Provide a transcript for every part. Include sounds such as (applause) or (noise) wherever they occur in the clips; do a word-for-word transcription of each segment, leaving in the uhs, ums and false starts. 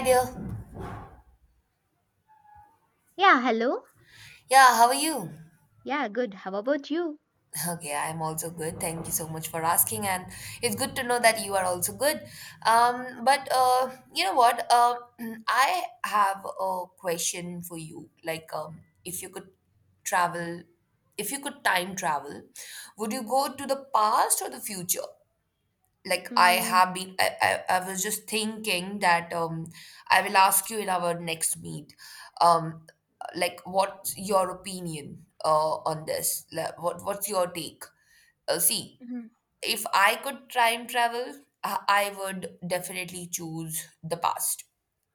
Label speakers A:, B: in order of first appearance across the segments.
A: Hi dear.
B: Yeah, hello.
A: Yeah, how are you?
B: Yeah, good. How about you?
A: Okay, I'm also good. Thank you so much for asking, and it's good to know that you are also good. Um, but uh, you know what? Uh, (clears throat) I have a question for you. Like, um, if you could travel, if you could time travel, would you go to the past or the future? Like I
B: Mm,
A: have been I, I, I was just thinking that um I will ask you in our next meet. um like, what's your opinion uh on this. Like, what what's your take. Uh, see,
B: mhm.
A: if I could time travel, I, I would definitely choose the past.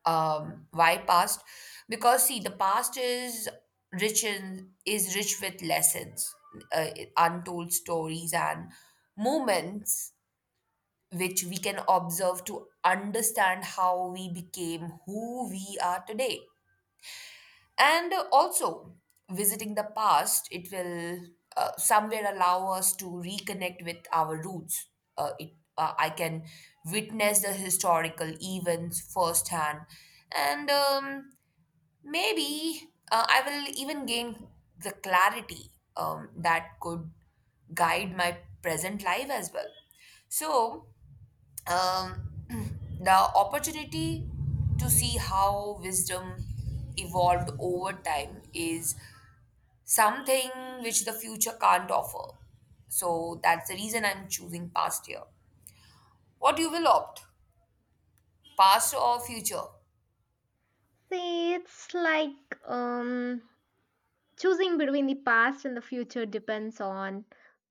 A: um Why past? Because see, the past is rich in is rich with lessons, uh, untold stories and moments which we can observe to understand how we became who we are today. And also, visiting the past, it will, uh, somewhere, allow us to reconnect with our roots. Uh, it, uh, I can witness the historical events firsthand, and um, maybe uh, I will even gain the clarity um, that could guide my present life as well. So, um, (clears throat) the opportunity to see how wisdom evolved over time is something which the future can't offer. So that's the reason I'm choosing past year. What you will opt, past or future?
B: See, it's like um choosing between the past and the future depends on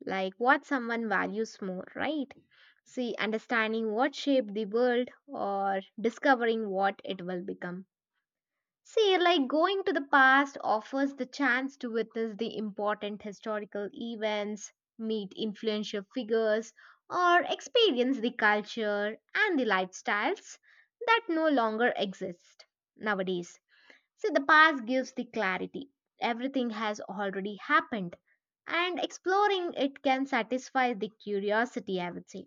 B: like what someone values more, right? See, understanding what shaped the world or discovering what it will become. See, like going to the past offers the chance to witness the important historical events, meet influential figures, or experience the culture and the lifestyles that no longer exist nowadays. See, the past gives the clarity. Everything has already happened, and exploring it can satisfy the curiosity, I would say,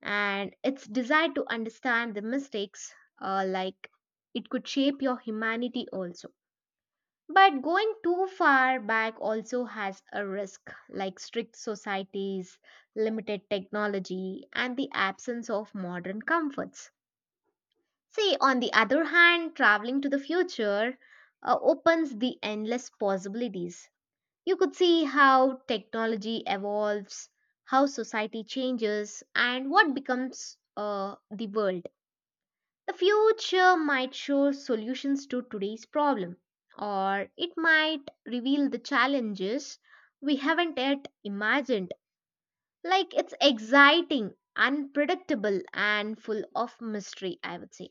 B: and its desire to understand the mistakes, uh, like it could shape your humanity also, but going too far back also has a risk, like strict societies, limited technology, and the absence of modern comforts. See, on the other hand, traveling to the future uh, opens the endless possibilities. You could see how technology evolves, how society changes, and what becomes uh, the world. The future might show solutions to today's problem, or it might reveal the challenges we haven't yet imagined. Like, it's exciting, unpredictable, and full of mystery, I would say.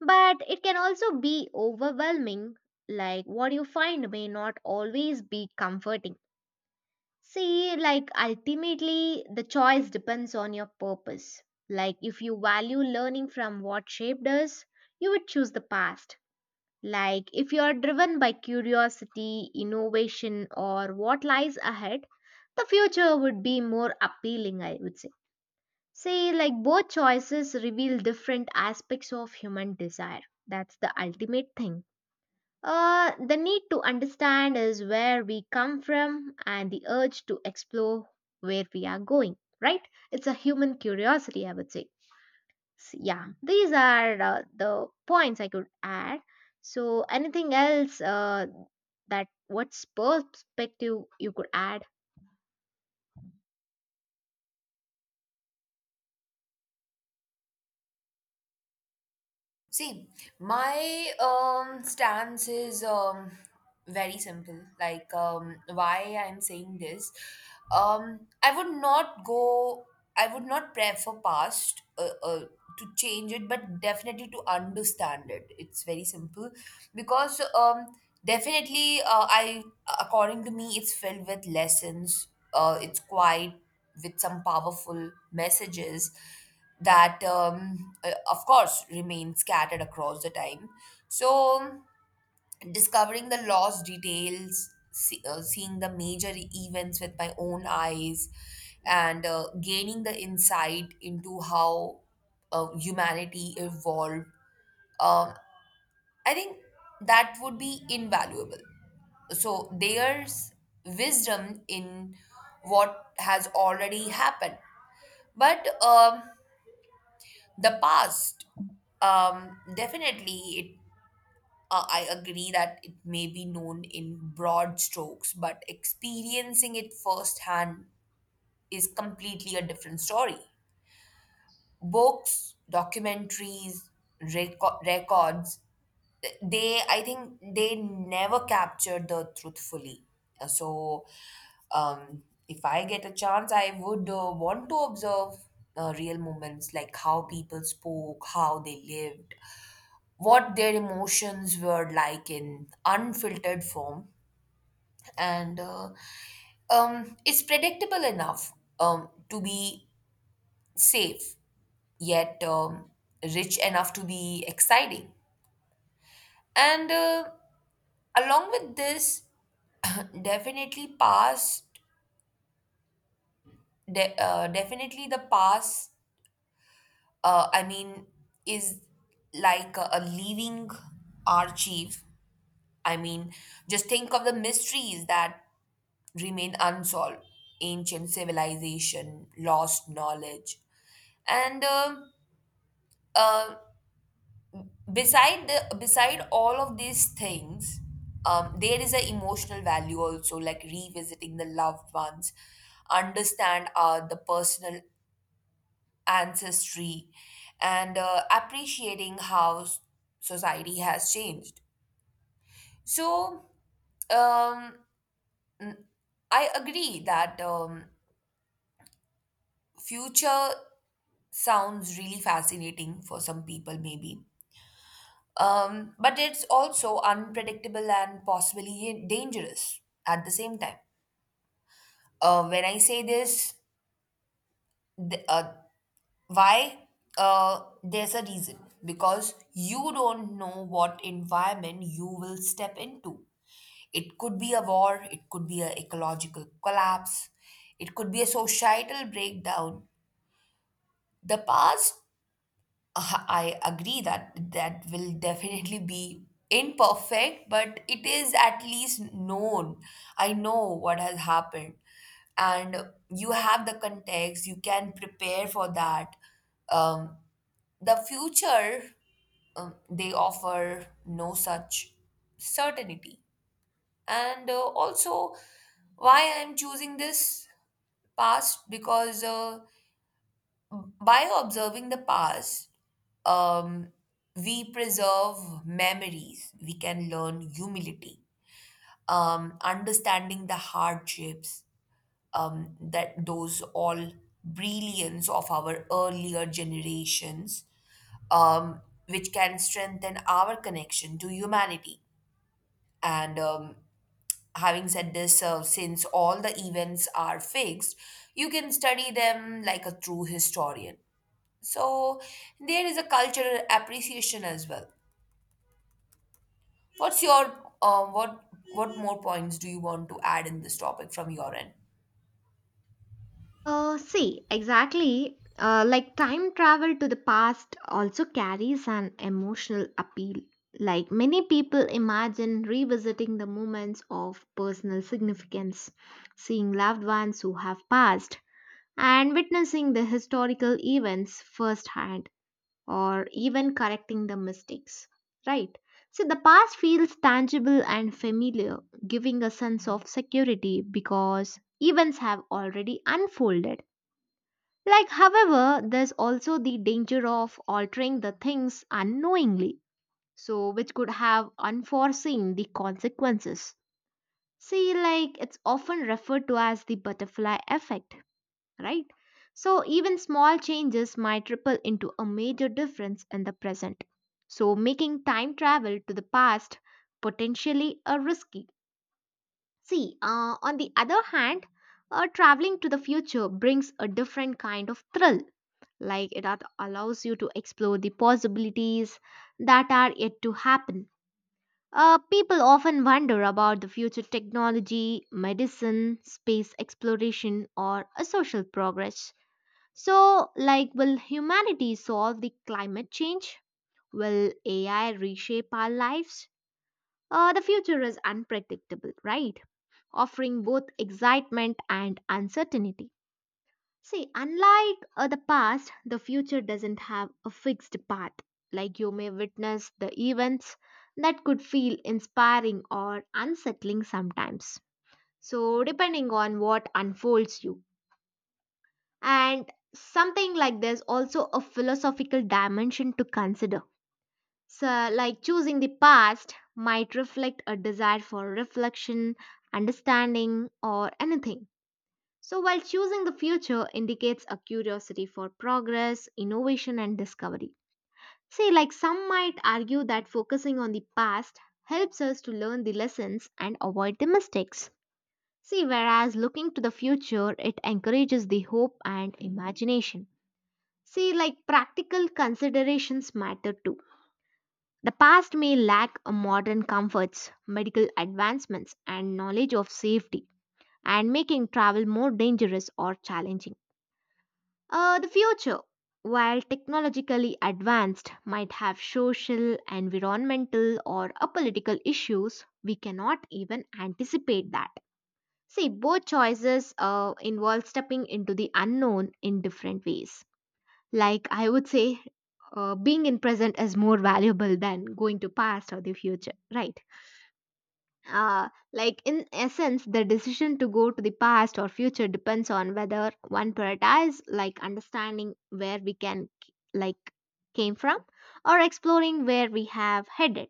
B: But it can also be overwhelming, like what you find may not always be comforting. See, like ultimately, the choice depends on your purpose. Like, if you value learning from what shaped us, you would choose the past. Like, if you are driven by curiosity, innovation, or what lies ahead, the future would be more appealing, I would say. See, like, both choices reveal different aspects of human desire. That's the ultimate thing. Uh, the need to understand is where we come from and the urge to explore where we are going, right? It's a human curiosity, I would say. S- yeah, these are uh, the points I could add. So, anything else uh, that what's perspective you could add?
A: See, my um, stance is um, very simple. Like, um, why I'm saying this, um, I would not go. I would not prefer past uh, uh, to change it, but definitely to understand it. It's very simple because um, definitely, uh, I according to me, it's filled with lessons. Uh, it's quite with some powerful messages that, um, uh, of course, remain scattered across the time. So, discovering the lost details, see, uh, seeing the major events with my own eyes, and uh, gaining the insight into how uh, humanity evolved, um, I think that would be invaluable. So, there's wisdom in what has already happened. But um, The past, um, definitely, it, uh, I agree that it may be known in broad strokes, but experiencing it firsthand is completely a different story. Books, documentaries, reco- records, they, I think, they never capture the truth fully. Uh, So, um, if I get a chance, I would, uh, want to observe uh, real moments, like how people spoke, how they lived, what their emotions were like in unfiltered form. And uh, um, It's predictable enough um, to be safe, yet um, rich enough to be exciting. And uh, along with this, definitely past, de- uh, definitely the past, uh, i mean is like a, a living archive. i mean just think of the mysteries that remain unsolved. Ancient civilization, lost knowledge, and um uh, beside the, beside all of these things, um, there is an emotional value also, like revisiting the loved ones, understand uh, the personal ancestry, and uh, appreciating how s- society has changed. So um, I agree that um, future sounds really fascinating for some people, maybe. Um, but it's also unpredictable and possibly dangerous at the same time. Uh, when I say this, th- uh, why? Uh, there's a reason because you don't know what environment you will step into. It could be a war, it could be an ecological collapse, it could be a societal breakdown. The past, Uh, I agree that that will definitely be imperfect, but it is at least known. I know what has happened, and you have the context, you can prepare for that. Um, the future, um, they offer no such certainty. And uh, also, why I'm choosing this past because. Uh, by observing the past, um, we preserve memories, we can learn humility, um, understanding the hardships um, that those all brilliance of our earlier generations, um, which can strengthen our connection to humanity. And um, Having said this, uh, since all the events are fixed, you can study them like a true historian, so there is a cultural appreciation as well. What's your um, what what more points do you want to add in this topic from your end?
B: Uh, see, exactly. Uh, like, time travel to the past also carries an emotional appeal. Like, many people imagine revisiting the moments of personal significance, seeing loved ones who have passed, and witnessing the historical events firsthand, or even correcting the mistakes. Right? So the past feels tangible and familiar, giving a sense of security because events have already unfolded. Like, however, there's also the danger of altering the things unknowingly, so which could have unforeseen the consequences. See, like, it's often referred to as the butterfly effect, right? So, even small changes might ripple into a major difference in the present. So, making time travel to the past potentially a risky. See, uh, on the other hand, uh, traveling to the future brings a different kind of thrill, like that allows you to explore the possibilities that are yet to happen. Uh, people often wonder about the future technology, medicine, space exploration, or uh, social progress. So, like, will humanity solve the climate change? Will A I reshape our lives? Uh, the future is unpredictable, right? Offering both excitement and uncertainty. See, unlike uh, the past, the future doesn't have a fixed path. Like, you may witness the events that could feel inspiring or unsettling sometimes. So, depending on what unfolds you. And something like there's also a philosophical dimension to consider. So, like, choosing the past might reflect a desire for reflection, understanding, or anything, so while choosing the future indicates a curiosity for progress, innovation, and discovery. See, like, some might argue that focusing on the past helps us to learn the lessons and avoid the mistakes. See, whereas looking to the future, it encourages the hope and imagination. See, like practical considerations matter too. The past may lack a modern comforts, medical advancements, and knowledge of safety, and making travel more dangerous or challenging. Uh, the future, while technologically advanced, might have social, environmental, or a political issues, we cannot even anticipate that. See, both choices uh, involve stepping into the unknown in different ways. Like, I would say, uh, being in present is more valuable than going to past or the future, right? Uh, like, in essence, the decision to go to the past or future depends on whether one prioritize, like understanding where we can like came from, or exploring where we have headed.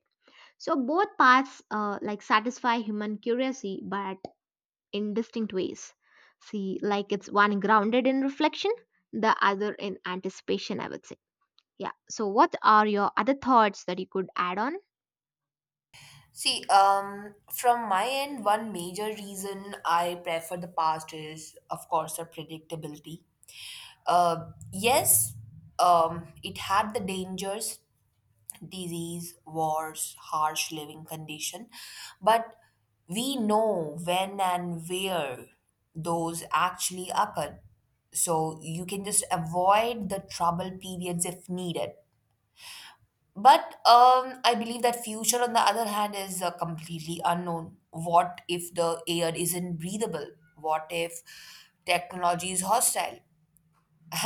B: So both paths uh, like satisfy human curiosity but in distinct ways. See, like, it's one grounded in reflection, the other in anticipation, I would say. Yeah. So what are your other thoughts that you could add on?
A: See, um, from my end, one major reason I prefer the past is, of course, the predictability. Uh, yes, um, it had the dangers, disease, wars, harsh living condition, but we know when and where those actually occur. So you can just avoid the trouble periods if needed. But um, I believe that future, on the other hand, is uh, completely unknown. What if the air isn't breathable? What if technology is hostile?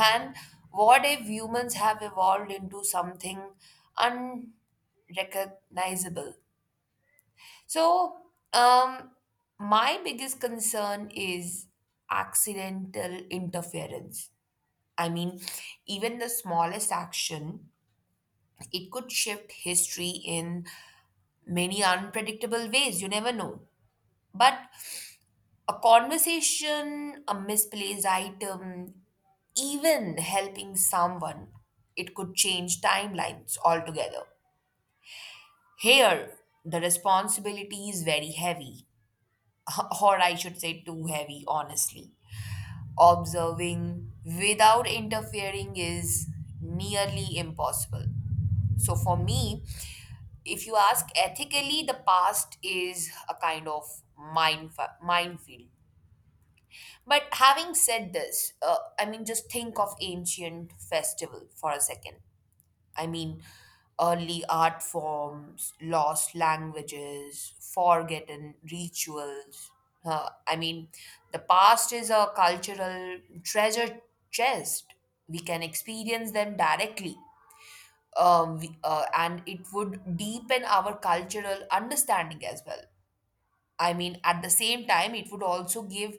A: And what if humans have evolved into something unrecognizable? So, um, my biggest concern is accidental interference. I mean, even the smallest action, it could shift history in many unpredictable ways. You never know. But A conversation, a misplaced item, even helping someone, it could change timelines altogether. Here, the responsibility is very heavy, (laughs) or I should say, too heavy, honestly. Observing without interfering is nearly impossible. So, for me, if you ask ethically, the past is a kind of mind, minefield. But having said this, uh, I mean, just think of ancient festival for a second. I mean, early art forms, lost languages, forgotten rituals. Uh, I mean, the past is a cultural treasure chest. We can experience them directly, um, we- uh, and it would deepen our cultural understanding as well. I mean, at the same time, it would also give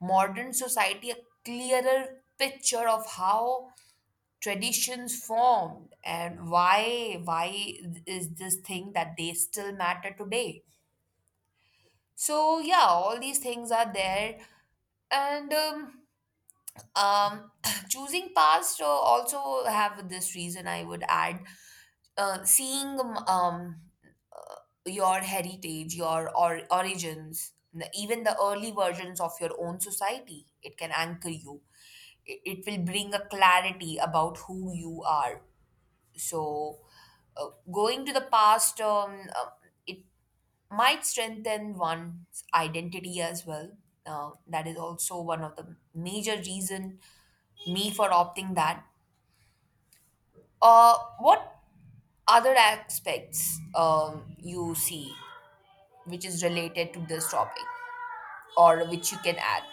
A: modern society a clearer picture of how traditions formed and why why is this thing that they still matter today. So yeah, all these things are there, and um, um, (clears throat) choosing past uh, also have this reason I would add, uh, seeing, um, um, uh, your heritage, your or origins, n- even the early versions of your own society, it can anchor you. It, it will bring a clarity about who you are. So, uh, going to the past, um, uh, it might strengthen one's identity as well. Uh, that is also one of the major reason me for opting that. Uh, what other aspects um, you see which is related to this topic or which you can add?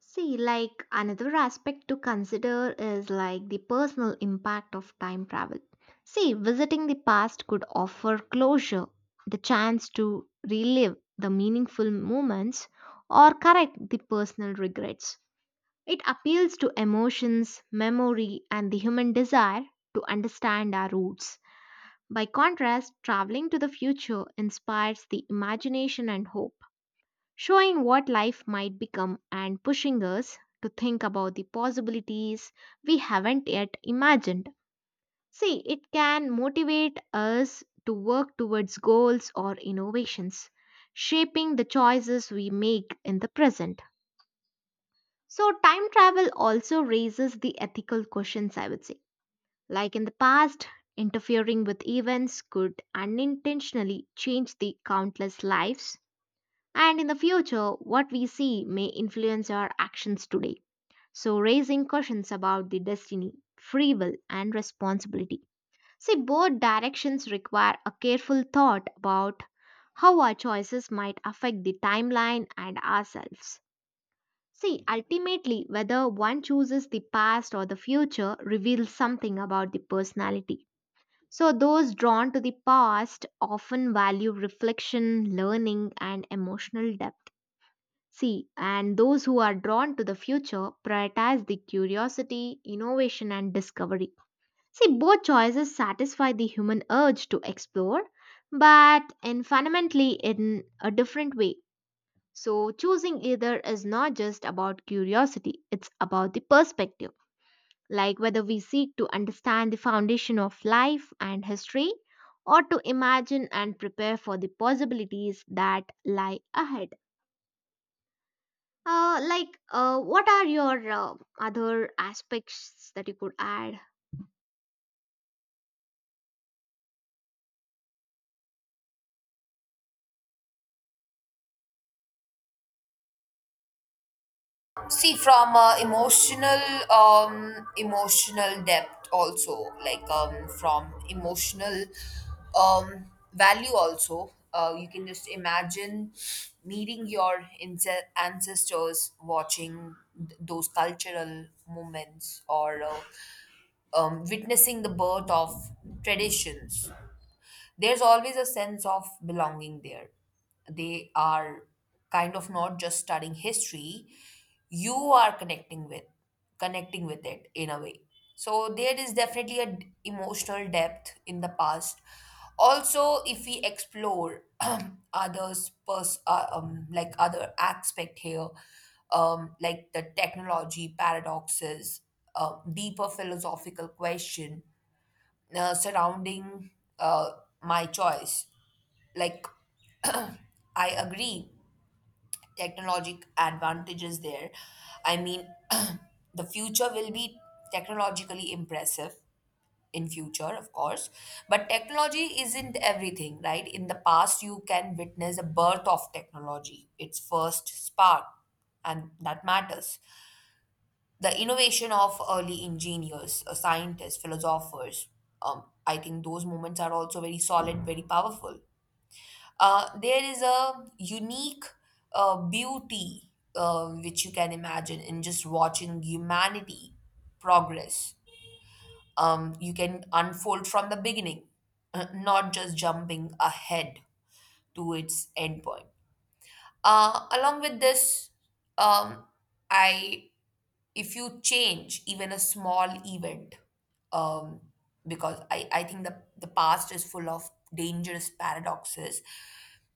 B: See, like, another aspect to consider is like the personal impact of time travel. See, visiting the past could offer closure, the chance to relive the meaningful moments or correct the personal regrets. It appeals to emotions, memory, and the human desire to understand our roots. By contrast, traveling to the future inspires the imagination and hope, showing what life might become and pushing us to think about the possibilities we haven't yet imagined. See, it can motivate us to work towards goals or innovations, shaping the choices we make in the present. So, time travel also raises the ethical questions, I would say. Like, in the past, interfering with events could unintentionally change the countless lives, and in the future, what we see may influence our actions today. So, raising questions about the destiny, free will, and responsibility. See, both directions require a careful thought about how our choices might affect the timeline and ourselves. See, ultimately, whether one chooses the past or the future reveals something about the personality. So, those drawn to the past often value reflection, learning, and emotional depth. See, and those who are drawn to the future prioritize the curiosity, innovation, and discovery. See, both choices satisfy the human urge to explore, but in fundamentally in a different way. So, choosing either is not just about curiosity, it's about the perspective, like whether we seek to understand the foundation of life and history or to imagine and prepare for the possibilities that lie ahead. Uh, like, uh, what are your uh, other aspects that you could add?
A: See, from uh, emotional um, emotional depth also, like um, from emotional um, value also, uh, you can just imagine meeting your ince- ancestors, watching th- those cultural moments, or uh, um, witnessing the birth of traditions. There's always a sense of belonging there. They are kind of not just studying history, you are connecting with connecting with it in a way. So there is definitely an emotional depth in the past. Also, if we explore (clears throat) others pers- uh, um, like other aspect here, um, like the technology paradoxes, uh, deeper philosophical question uh, surrounding uh, my choice. Like, I agree, technologic advantages there. I mean, (clears throat) the future will be technologically impressive in future, of course, but technology isn't everything, right? In the past you can witness a birth of technology, its first spark, and that matters. The innovation of early engineers, uh, scientists, philosophers, um, I think those moments are also very solid, very powerful. Uh, there is a unique uh, beauty uh, which you can imagine in just watching humanity progress. Um, you can unfold from the beginning, uh, not just jumping ahead to its endpoint. Uh, along with this, um, I if you change even a small event, um, because I, I think the, the past is full of dangerous paradoxes.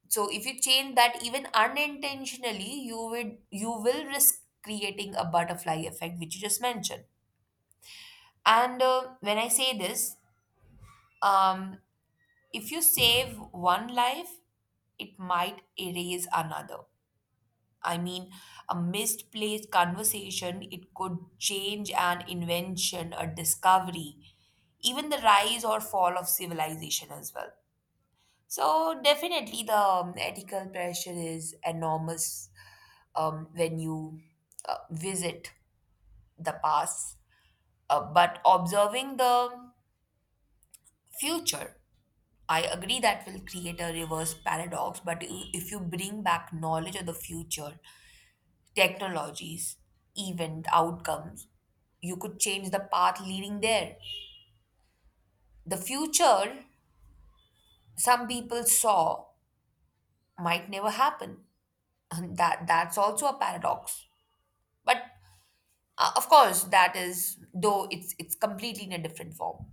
A: So if you change that even unintentionally, you would you will risk creating a butterfly effect, which you just mentioned. And uh, when I say this, um, if you save one life, it might erase another. I mean, a misplaced conversation, it could change an invention, a discovery, even the rise or fall of civilization as well. So definitely the, um, ethical pressure is enormous um, when you uh, visit the past. Uh, but observing the future, I agree that will create a reverse paradox. But i- if you bring back knowledge of the future, technologies, event outcomes, you could change the path leading there. The future some people saw might never happen. (laughs) that that's also a paradox. But Uh, of course, that is though it's it's completely in a different form.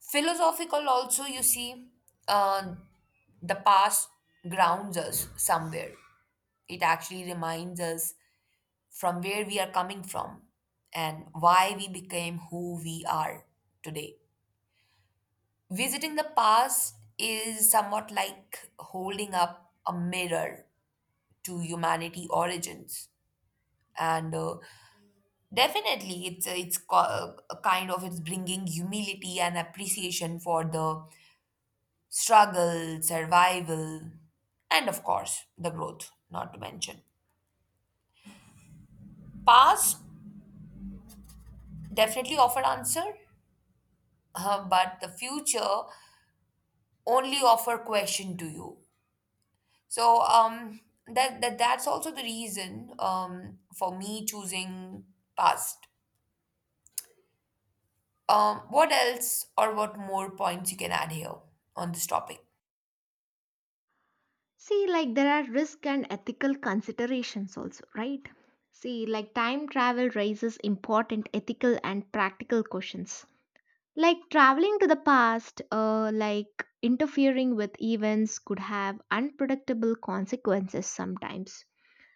A: Philosophical also, you see, uh, the past grounds us somewhere. It actually reminds us from where we are coming from and why we became who we are today. Visiting the past is somewhat like holding up a mirror to humanity origins, and uh, definitely, it's it's co- a kind of it's bringing humility and appreciation for the struggle, survival, and of course the growth. Not to mention, past definitely offer answer, uh, but the future only offer question to you. So um, that, that that's also the reason um for me choosing past. Um, what else or what more points you can add here on this topic?
B: See, like, there are risk and ethical considerations also, right? See, like, time travel raises important ethical and practical questions. Like, traveling to the past, uh, like, interfering with events could have unpredictable consequences sometimes.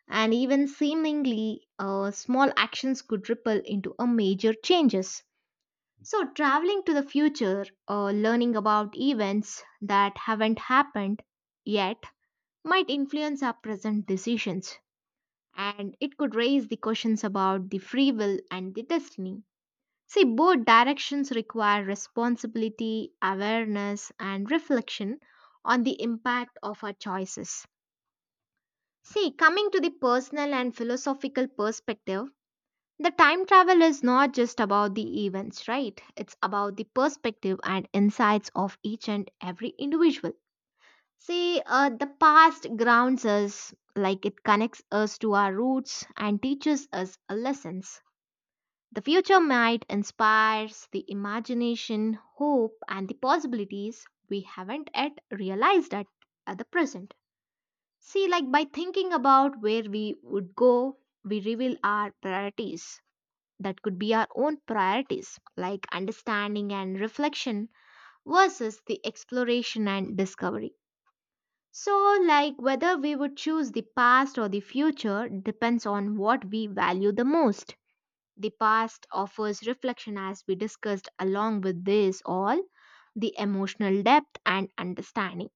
B: And even seemingly uh, small actions could ripple into a major changes. So, traveling to the future or learning about events that haven't happened yet might influence our present decisions, and it could raise the questions about the free will and the destiny. See, both directions require responsibility, awareness, and reflection on the impact of our choices. See, coming to the personal and philosophical perspective, the time travel is not just about the events, right? It's about the perspective and insights of each and every individual. See, uh, the past grounds us, like it connects us to our roots and teaches us lessons. The future might inspires the imagination, hope, and the possibilities we haven't yet realized at, at the present. See, like, by thinking about where we would go, we reveal our priorities that could be our own priorities, like understanding and reflection versus the exploration and discovery. So, like, whether we would choose the past or the future depends on what we value the most. The past offers reflection, as we discussed, along with this, all the emotional depth and understanding,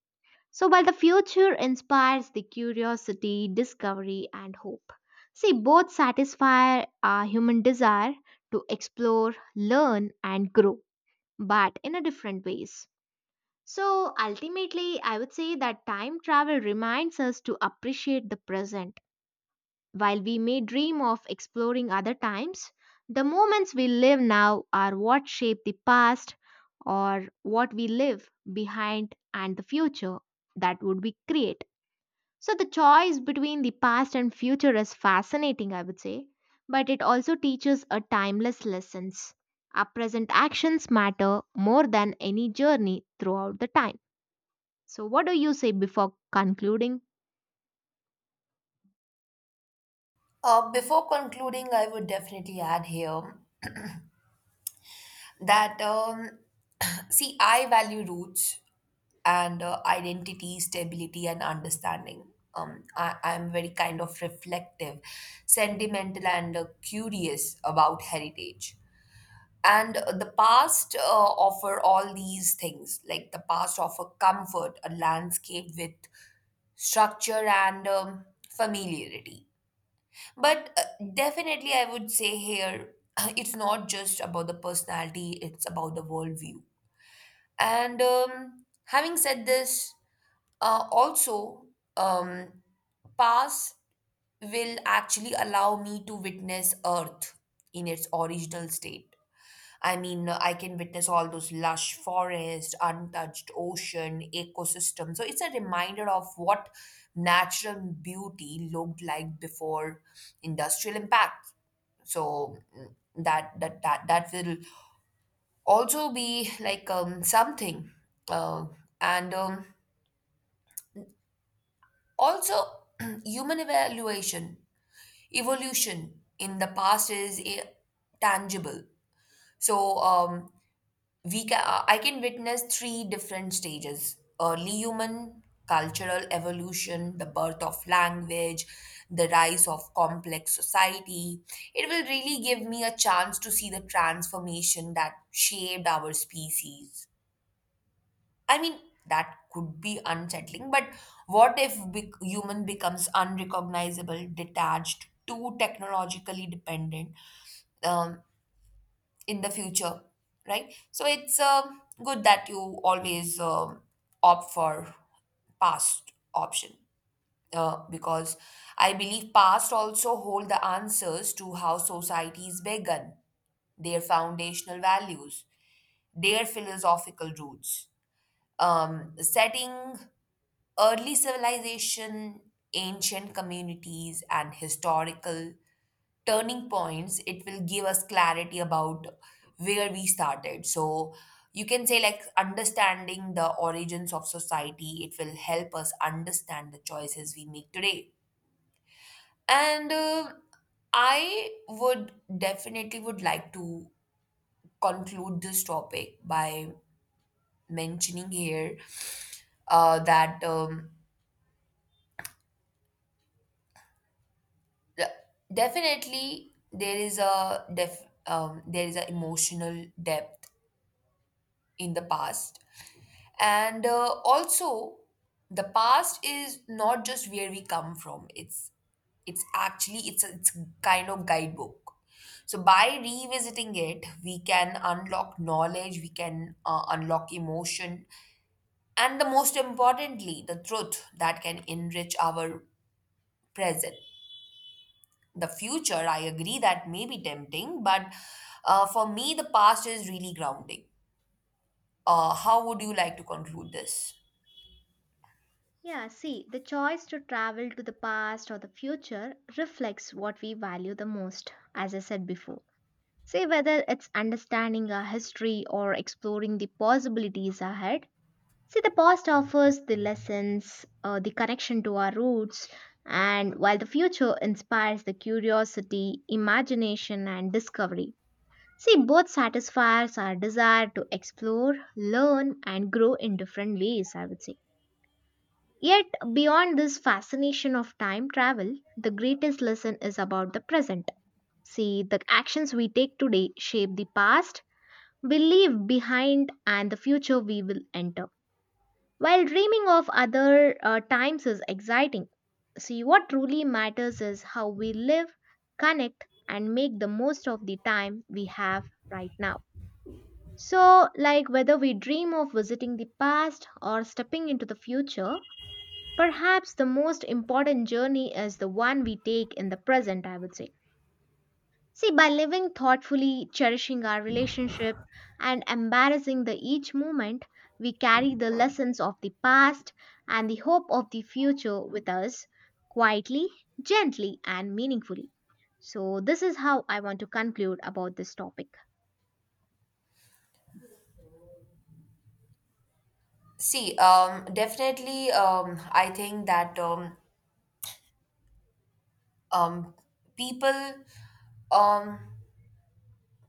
B: so while the future inspires the curiosity, discovery, and hope, see, both satisfy our human desire to explore, learn, and grow, but in a different ways. So, ultimately, I would say that time travel reminds us to appreciate the present. While we may dream of exploring other times, the moments we live now are what shape the past or what we live behind and the future that would we create. So the choice between the past and future is fascinating, I would say, but it also teaches a timeless lessons. Our present actions matter more than any journey throughout the time. So what do you say before concluding?
A: Uh, before concluding, I would definitely add here that, um, (clears throat) see, I value roots and uh, identity, stability, and understanding. Um, I, I'm very kind of reflective, sentimental, and uh, curious about heritage. And uh, the past uh, offer all these things. Like the past offer comfort, a landscape with structure and um, familiarity. But uh, definitely, I would say here (laughs) (clears throat) it's not just about the personality, it's about the worldview. And um, having said this, uh, also, um, pass will actually allow me to witness Earth in its original state. I mean, uh, I can witness all those lush forests, untouched ocean, ecosystem. So it's a reminder of what natural beauty looked like before industrial impact. So mm, that that that that will also be like um, something uh, and um, also. (clears throat) Human evaluation evolution in the past is eh, tangible. So um, we can, I can witness three different stages: early human, cultural evolution, the birth of language, the rise of complex society. It will really give me a chance to see the transformation that shaped our species. I mean, that could be unsettling, but what if bec human becomes unrecognizable, detached, too technologically dependent? Um, in the future, right? So it's um good that you always um opt for past option, uh, because I believe past also hold the answers to how societies began, their foundational values, their philosophical roots. Um, setting early civilization, ancient communities, and historical turning points, it will give us clarity about where we started. So you can say, like, understanding the origins of society, it will help us understand the choices we make today. And uh, I would definitely would like to conclude this topic by mentioning here uh, that um, de- definitely there is a def- um, there is an emotional depth in the past. And uh, also, the past is not just where we come from. It's it's actually it's a, it's kind of guidebook. So by revisiting it, we can unlock knowledge, we can uh, unlock emotion, and the most importantly, the truth that can enrich our present. The future, I agree, that may be tempting, but uh, for me, the past is really grounding. Uh, how would you like to conclude this?
B: Yeah, see, the choice to travel to the past or the future reflects what we value the most, as I said before. Say whether it's understanding our history or exploring the possibilities ahead, see, the past offers the lessons, uh, the connection to our roots, and while the future inspires the curiosity, imagination, and discovery. See, both satisfies our desire to explore, learn, and grow in different ways, I would say. Yet, beyond this fascination of time travel, the greatest lesson is about the present. See, the actions we take today shape the past, we leave behind, and the future we will enter. While dreaming of other uh, times is exciting, see what truly matters is how we live, connect, and make the most of the time we have right now. So, like, whether we dream of visiting the past or stepping into the future, perhaps the most important journey is the one we take in the present, I would say. See, by living thoughtfully, cherishing our relationship, and embarrassing the each moment, we carry the lessons of the past and the hope of the future with us quietly, gently, and meaningfully. So, this is how I want to conclude about this topic.
A: See, um, definitely, um, I think that um, um, people um,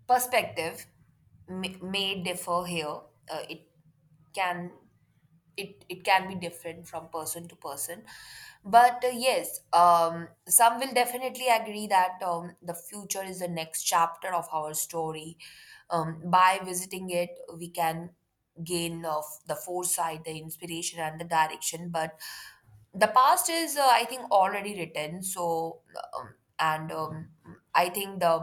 A: perspective may, may differ here. Uh, it can it it can be different from person to person, but uh, yes, um, some will definitely agree that um, the future is the next chapter of our story. Um, by visiting it, we can gain of the foresight, the inspiration, and the direction, but the past is uh, I think already written. So um, and um, I think the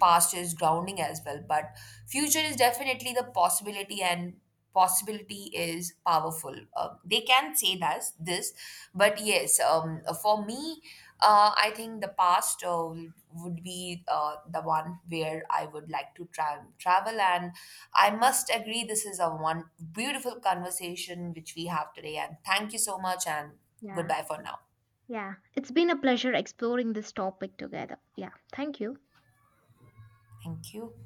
A: past is grounding as well, but future is definitely the possibility, and possibility is powerful, um, they can say that this. But yes, um, for me, uh, I think the past uh, would be uh, the one where I would like to tra- travel. And I must agree this is a one beautiful conversation which we have today, and thank you so much. And
B: Yeah,
A: goodbye for now.
B: yeah, it's been a pleasure exploring this topic together. Yeah, thank you.
A: Thank you.